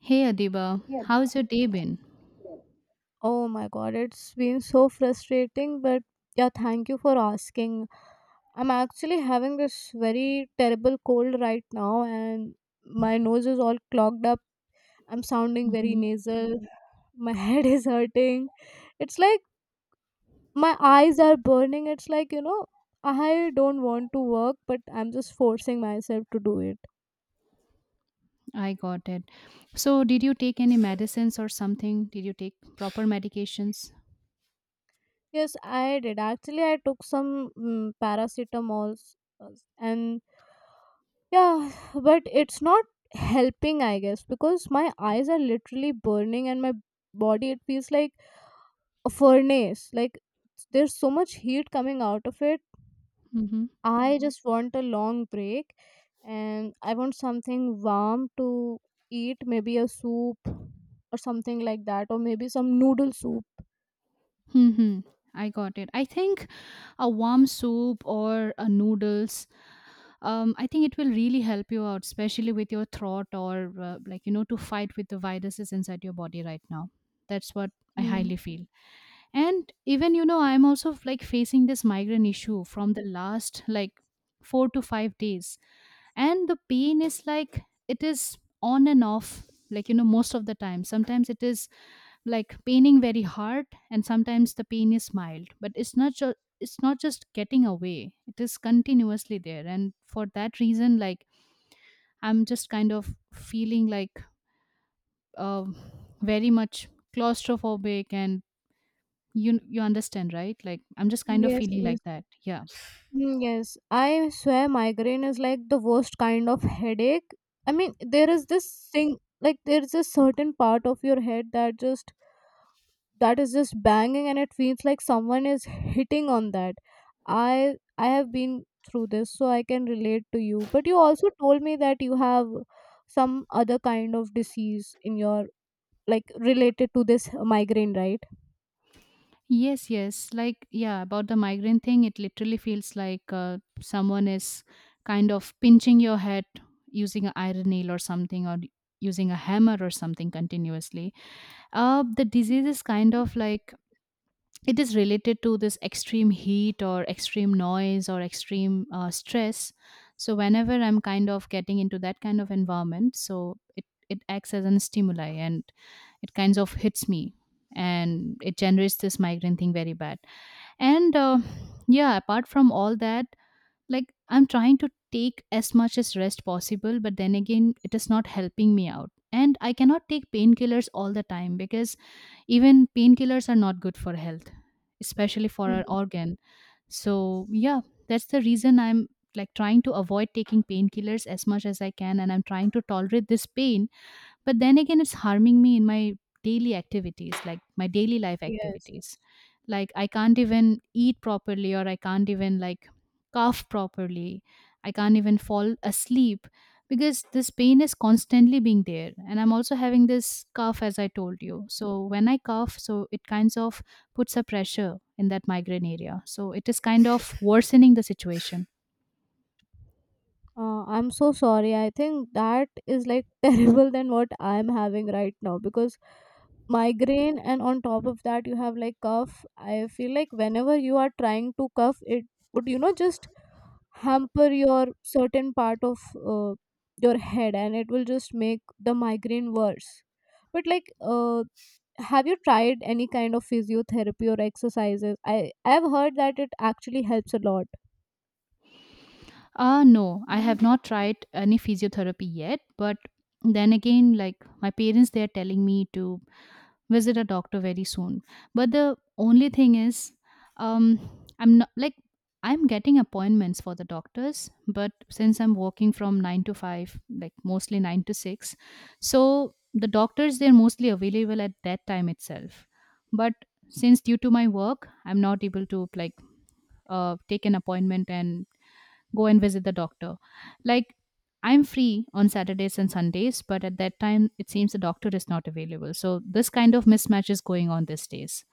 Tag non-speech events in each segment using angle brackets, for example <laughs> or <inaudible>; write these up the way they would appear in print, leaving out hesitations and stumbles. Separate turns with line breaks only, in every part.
Hey Adiba, how's your day been?
Oh my god, it's been so frustrating, but yeah, thank you for asking. I'm actually having this very terrible cold right now, and my nose is all clogged up. I'm sounding very
Hmm.
nasal. My <laughs> head is hurting. It's like my eyes are burning. It's like, I don't want to work, but I'm just forcing myself to do it.
I got it. So, did you take any medicines or something? Did you take proper medications?
Yes, I did. Actually, I took some paracetamols uh, and yeah, but it's not helping, I guess, because my eyes are literally burning and my body, it feels like a furnace. Like there's so much heat coming out of it.
Mm-hmm.
I just want a long break and I want something warm to eat, maybe a soup or something like that, or maybe some noodle soup.
Mm-hmm. I got it. I think a warm soup or a noodles. I think it will really help you out, especially with your throat or like to fight with the viruses inside your body right now. That's what I
Mm.
highly feel. And even I'm also like facing this migraine issue from the last like 4 to 5 days, and the pain is like it is on and off, like most of the time. Sometimes it is like paining very hard and sometimes the pain is mild, but it's not just getting away, it is continuously there. And for that reason, like, I'm just kind of feeling like uh, very much claustrophobic. And you understand, right? Like, I'm just kind of
Yes,
feeling
yes.
like that. Yeah.
Mm, yes, I swear migraine is like the worst kind of headache. I mean, there is this thing like there's a certain part of your head that is just banging and it feels like someone is hitting on that. I have been through this so I can relate to you. But you also told me that you have some other kind of disease in your, like, related to this migraine, right?
Yes, yes, like, yeah, about the migraine thing, it literally feels like someone is kind of pinching your head using an iron nail or something, or using a hammer or something continuously. The disease is kind of like it is related to this extreme heat or extreme noise or extreme stress. So whenever I'm kind of getting into that kind of environment, so it acts as an stimuli and it kinds of hits me, and it generates this migraine thing very bad. And yeah, apart from all that, like, I'm trying to take as much as rest possible, but then again it is not helping me out, and I cannot take painkillers all the time, because even painkillers are not good for health, especially for
Mm.
our organ. So yeah, that's the reason I'm, like, trying to avoid taking painkillers as much as I can, and I'm trying to tolerate this pain, but then again, it's harming me in my daily activities, like my daily life
Yes.
activities. Like, I can't even eat properly, or I can't even like cough properly. I can't even fall asleep because this pain is constantly being there, and I'm also having this cough, as I told you. So when I cough, so it kinds of puts a pressure in that migraine area, so it is kind of worsening the situation.
I'm so sorry. I think that is like <laughs> terrible than what I'm having right now because migraine and on top of that you have like cough. I feel like whenever you are trying to cough, it would just hamper your certain part of uh, your head and it will just make the migraine worse. But have you tried any kind of physiotherapy or exercises? I've heard that it actually helps a lot.
No, I
Mm.
have not tried any physiotherapy yet, but then again, like, my parents, they are telling me to visit a doctor very soon. But the only thing is, um, I'm not like I'm getting appointments for the doctors, but since I'm working from nine to five, like mostly nine to six, so the doctors they're mostly available at that time itself. But since due to my work, I'm not able to like take an appointment and go and visit the doctor. Like, I'm free on Saturdays and Sundays, but at that time, it seems the doctor is not available. So, this kind of mismatch is going on these days.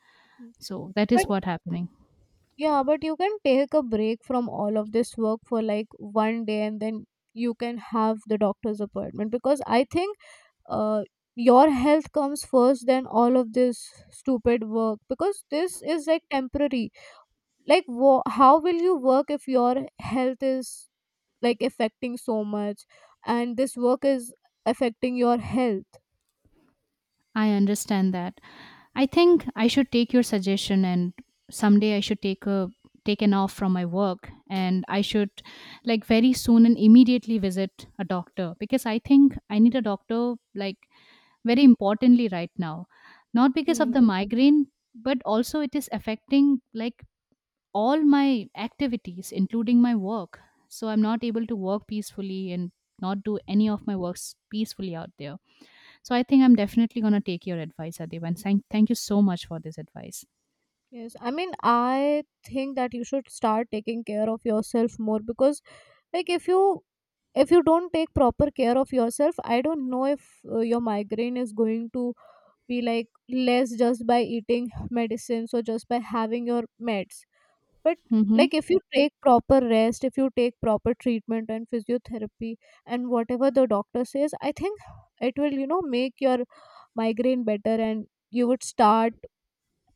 So, that
But
is what happening.
yeah, but you can take a break from all of this work for like one day and then you can have the doctor's appointment because I think uh, your health comes first than all of this stupid work because this is like temporary. Like, how will you work if your health is like affecting so much and this work is affecting your health?
I understand that. I think I should take your suggestion, and someday I should take an off from my work, and I should, like, very soon and immediately visit a doctor, because I think I need a doctor like very importantly right now, not because
Hmm.
of the migraine, but also it is affecting, like, all my activities including my work. So I'm not able to work peacefully and not do any of my works peacefully out there. So I think I'm definitely going to take your advice, Adiba, and thank you so much for this advice.
Yes, I mean, I think that you should start taking care of yourself more because like if you if you don't take proper care of yourself, I don't know if your migraine is going to be like less just by eating medicines or just by having your meds. But
Mm-hmm.
like, if you take proper rest, if you take proper treatment and physiotherapy and whatever the doctor says, I think it will, you know, make your migraine better and you would start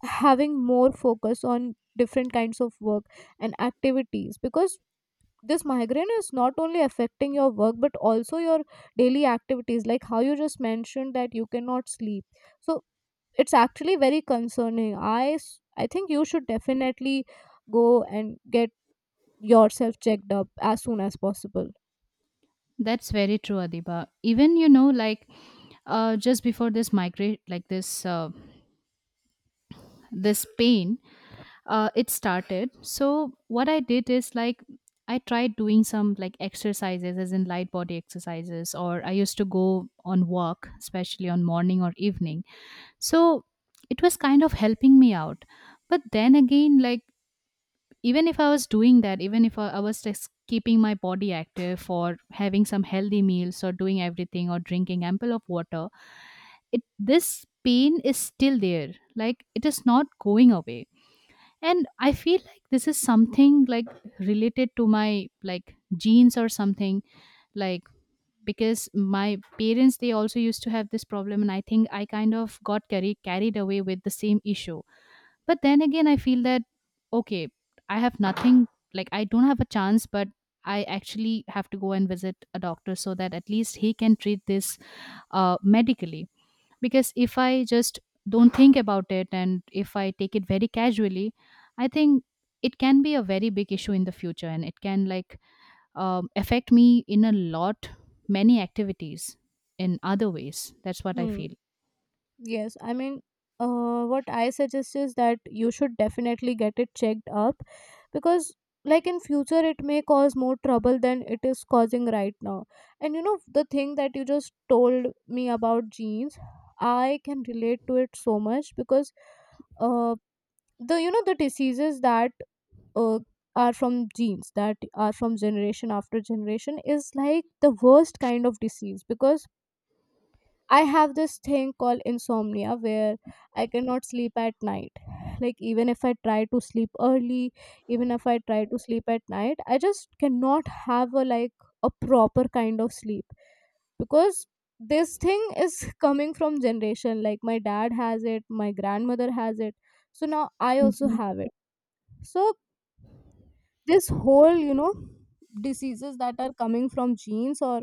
having more focus on different kinds of work and activities because this migraine is not only affecting your work but also your daily activities, like how you just mentioned that you cannot sleep. So it's actually very concerning. I think you should definitely go and get yourself checked up as soon as possible.
That's very true, Adiba. Even like, just before this migrate, like, this pain, it started. So what I did is, like, I tried doing some like exercises, as in light body exercises, or I used to go on walk, especially on morning or evening. So it was kind of helping me out. But then again, like, even if I was doing that, even if I was just keeping my body active or having some healthy meals or doing everything or drinking ample of water, it this pain is still there. Like, it is not going away, and I feel like this is something like related to my like genes or something, like, because my parents they also used to have this problem, and I think I kind of got carried away with the same issue. But then again, I feel that, okay, I have nothing, like, I don't have a chance, but I actually have to go and visit a doctor so that at least he can treat this medically. Because if I just don't think about it, and if I take it very casually, I think it can be a very big issue in the future, and it can, like, affect me in a lot, many activities in other ways. That's what I
Hmm.
feel.
Yes, I mean, what I suggest is that you should definitely get it checked up because, like, in future, it may cause more trouble than it is causing right now. And you know, the thing that you just told me about genes, I can relate to it so much because, uh, the diseases that uh, are from genes, that are from generation after generation, is like the worst kind of disease because I have this thing called insomnia where I cannot sleep at night. Like, even if I try to sleep early, even if I try to sleep at night, I just cannot have a like a proper kind of sleep because this thing is <laughs> coming from generation. Like, my dad has it, my grandmother has it, so now I also have it. So, this whole, you know, diseases that are coming from genes or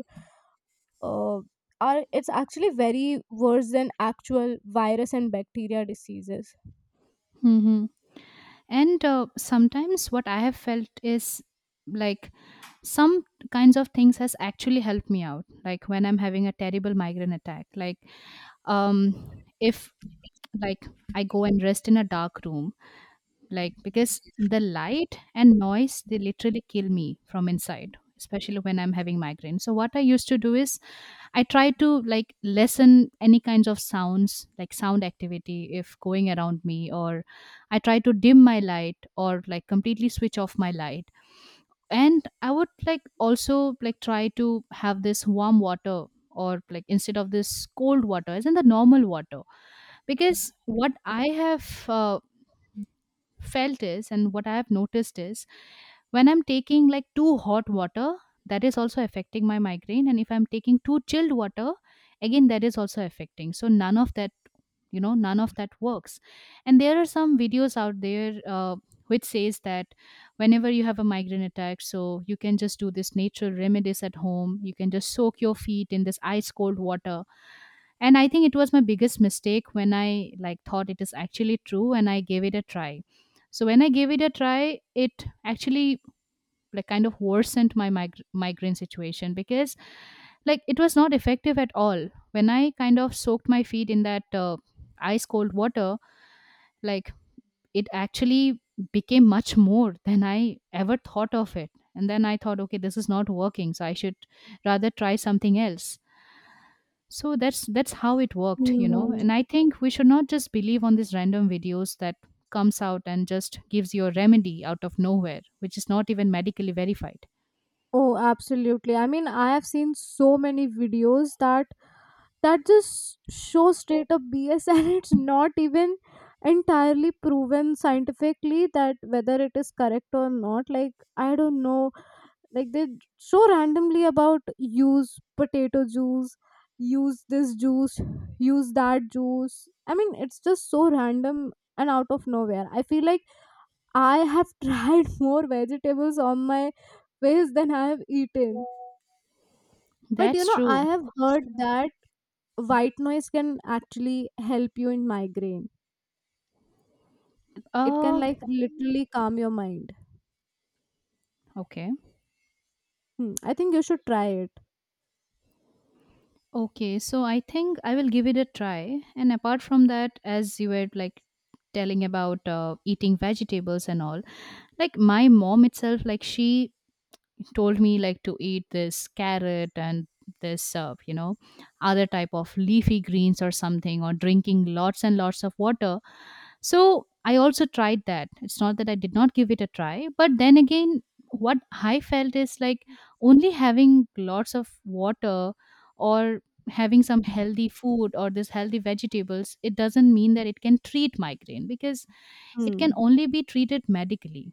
uh, are it's actually very worse than actual virus and bacteria diseases.
Hmm. And sometimes what I have felt is, like, some kinds of things has actually helped me out. Like, when I'm having a terrible migraine attack, like, if, like, I go and rest in a dark room, like because the light and noise they literally kill me from inside, especially when I'm having migraine. So what I used to do is I try to like lessen any kinds of sounds, like sound activity, if going around me, or I try to dim my light or like completely switch off my light. And I would like also like try to have this warm water, or like instead of this cold water as in the normal water, because what I have felt is, and what I have noticed is, when I'm taking like too hot water, that is also affecting my migraine. And if I'm taking too chilled water, again, that is also affecting. So none of that, none of that works. And there are some videos out there which says that whenever you have a migraine attack, so you can just do this natural remedies at home. You can just soak your feet in this ice cold water, and I think it was my biggest mistake when I, like, thought it is actually true, and I gave it a try. So when I gave it a try, it actually, like, kind of worsened my migraine situation, because, like, it was not effective at all when I kind of soaked my feet in that ice cold water. Like, it actually became much more than I ever thought of it, and then I thought, okay, this is not working, so I should rather try something else. So that's how it worked,
Hmm.
and I think we should not just believe on these random videos that comes out and just gives you a remedy out of nowhere, which is not even medically verified.
Oh, absolutely. I mean, I have seen so many videos that just show straight up BS, <laughs> and it's not even entirely proven scientifically that whether it is correct or not. Like, I don't know, like they so randomly about use potato juice, use this juice, use that juice. I mean, it's just so random and out of nowhere. I feel like I have tried <laughs> more vegetables on my face than I have eaten. But you
That's
know, I
true.
have heard that white noise can actually help you in migraine. It can
uh
like literally calm your mind.
okay,
Hmm. I think you should try it.
okay, so I think I will give it a try. And apart from that, as you were, like, telling about eating vegetables and all, like, my mom itself, like, she told me like to eat this carrot and this other type of leafy greens or something, or drinking lots and lots of water. So I also tried that. It's not that I did not give it a try, but then again, what I felt is, like, only having lots of water or having some healthy food or this healthy vegetables, it doesn't mean that it can treat migraine, because it can
Hmm.
only be treated medically.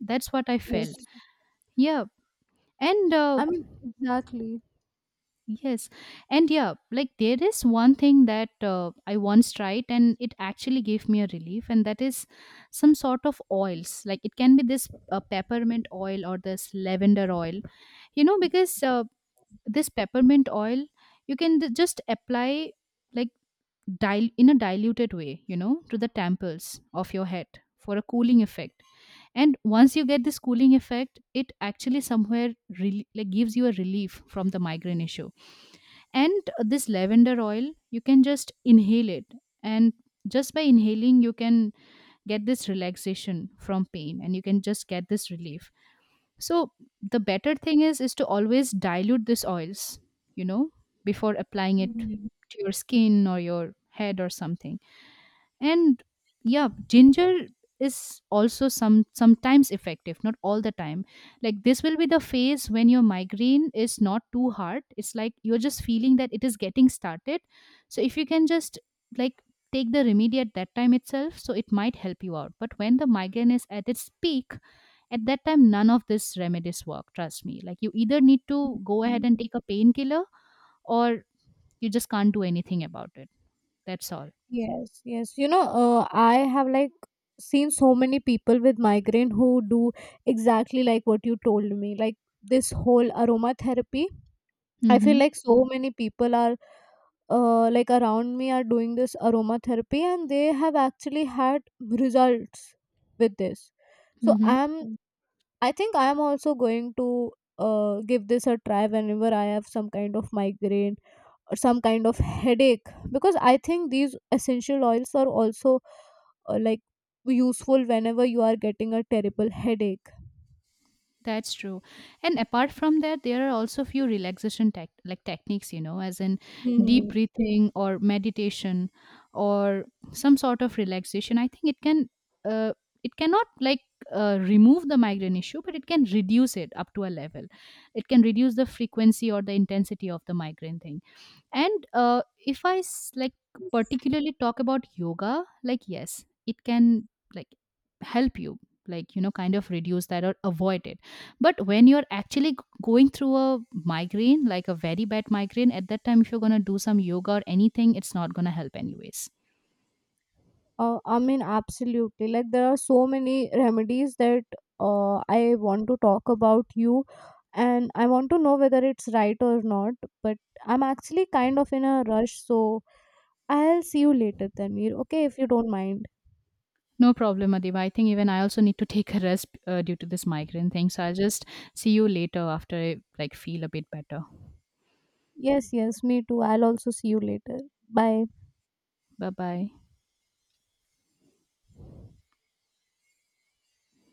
That's what I
Yes,
felt. Yeah. And
I mean, exactly.
yes. And yeah, like, there is one thing that I once tried and it actually gave me a relief, and that is some sort of oils. Like, it can be this peppermint oil or this lavender oil, you know, because this peppermint oil you can just apply, like, in a diluted way, to the temples of your head for a cooling effect. And once you get this cooling effect, it actually somewhere really like gives you a relief from the migraine issue. And this lavender oil, you can just inhale it, and just by inhaling you can get this relaxation from pain and you can just get this relief. So the better thing is to always dilute these oils, you know before applying it to your skin or your head or something. And yeah, ginger is also sometimes effective, not all the time. Like, this will be the phase when your migraine is not too hard, it's like you're just feeling that it is getting started. So if you can just, like, take the remedy at that time itself, so it might help you out. But when the migraine is at its peak, at that time none of this remedies work, trust me, like you either need to go ahead and take a painkiller, or you just can't do anything about it. That's all.
Yes, yes. You know, I have like seen so many people with migraine who do exactly like what you told me. Like this whole aromatherapy. I feel
Mm-hmm.
like so many people are like around me are doing this aromatherapy and they have actually had results with this. So
Mm-hmm.
I think I am also going to give this a try whenever I have some kind of migraine or some kind of headache because I think these essential oils are also uh, like useful whenever you are getting a terrible headache.
That's true. And apart from that, there are also few relaxation tech like techniques, as in deep
Hmm.
breathing or meditation or some sort of relaxation. I think it can, uh, it cannot, like, remove the migraine issue, but it can reduce it up to a level. It can reduce the frequency or the intensity of the migraine thing. And if I like particularly talk about yoga, like, yes it can, like, help you, like, kind of reduce that or avoid it. But when you're actually going through a migraine, like a very bad migraine, at that time if you're going to do some yoga or anything, it's not going to help anyways.
I mean, absolutely. Like there are so many remedies that I want to talk about you, and I want to know whether it's right or not. But I'm actually kind of in a rush, so I'll see you later, Tanvir. Okay, if you don't mind.
No problem, Adiba. I think even I also need to <laughs> take a rest due to this migraine thing. So I'll just see you later after I, like, feel a bit better.
Yes, yes, me too. I'll also see you later. Bye.
Bye bye.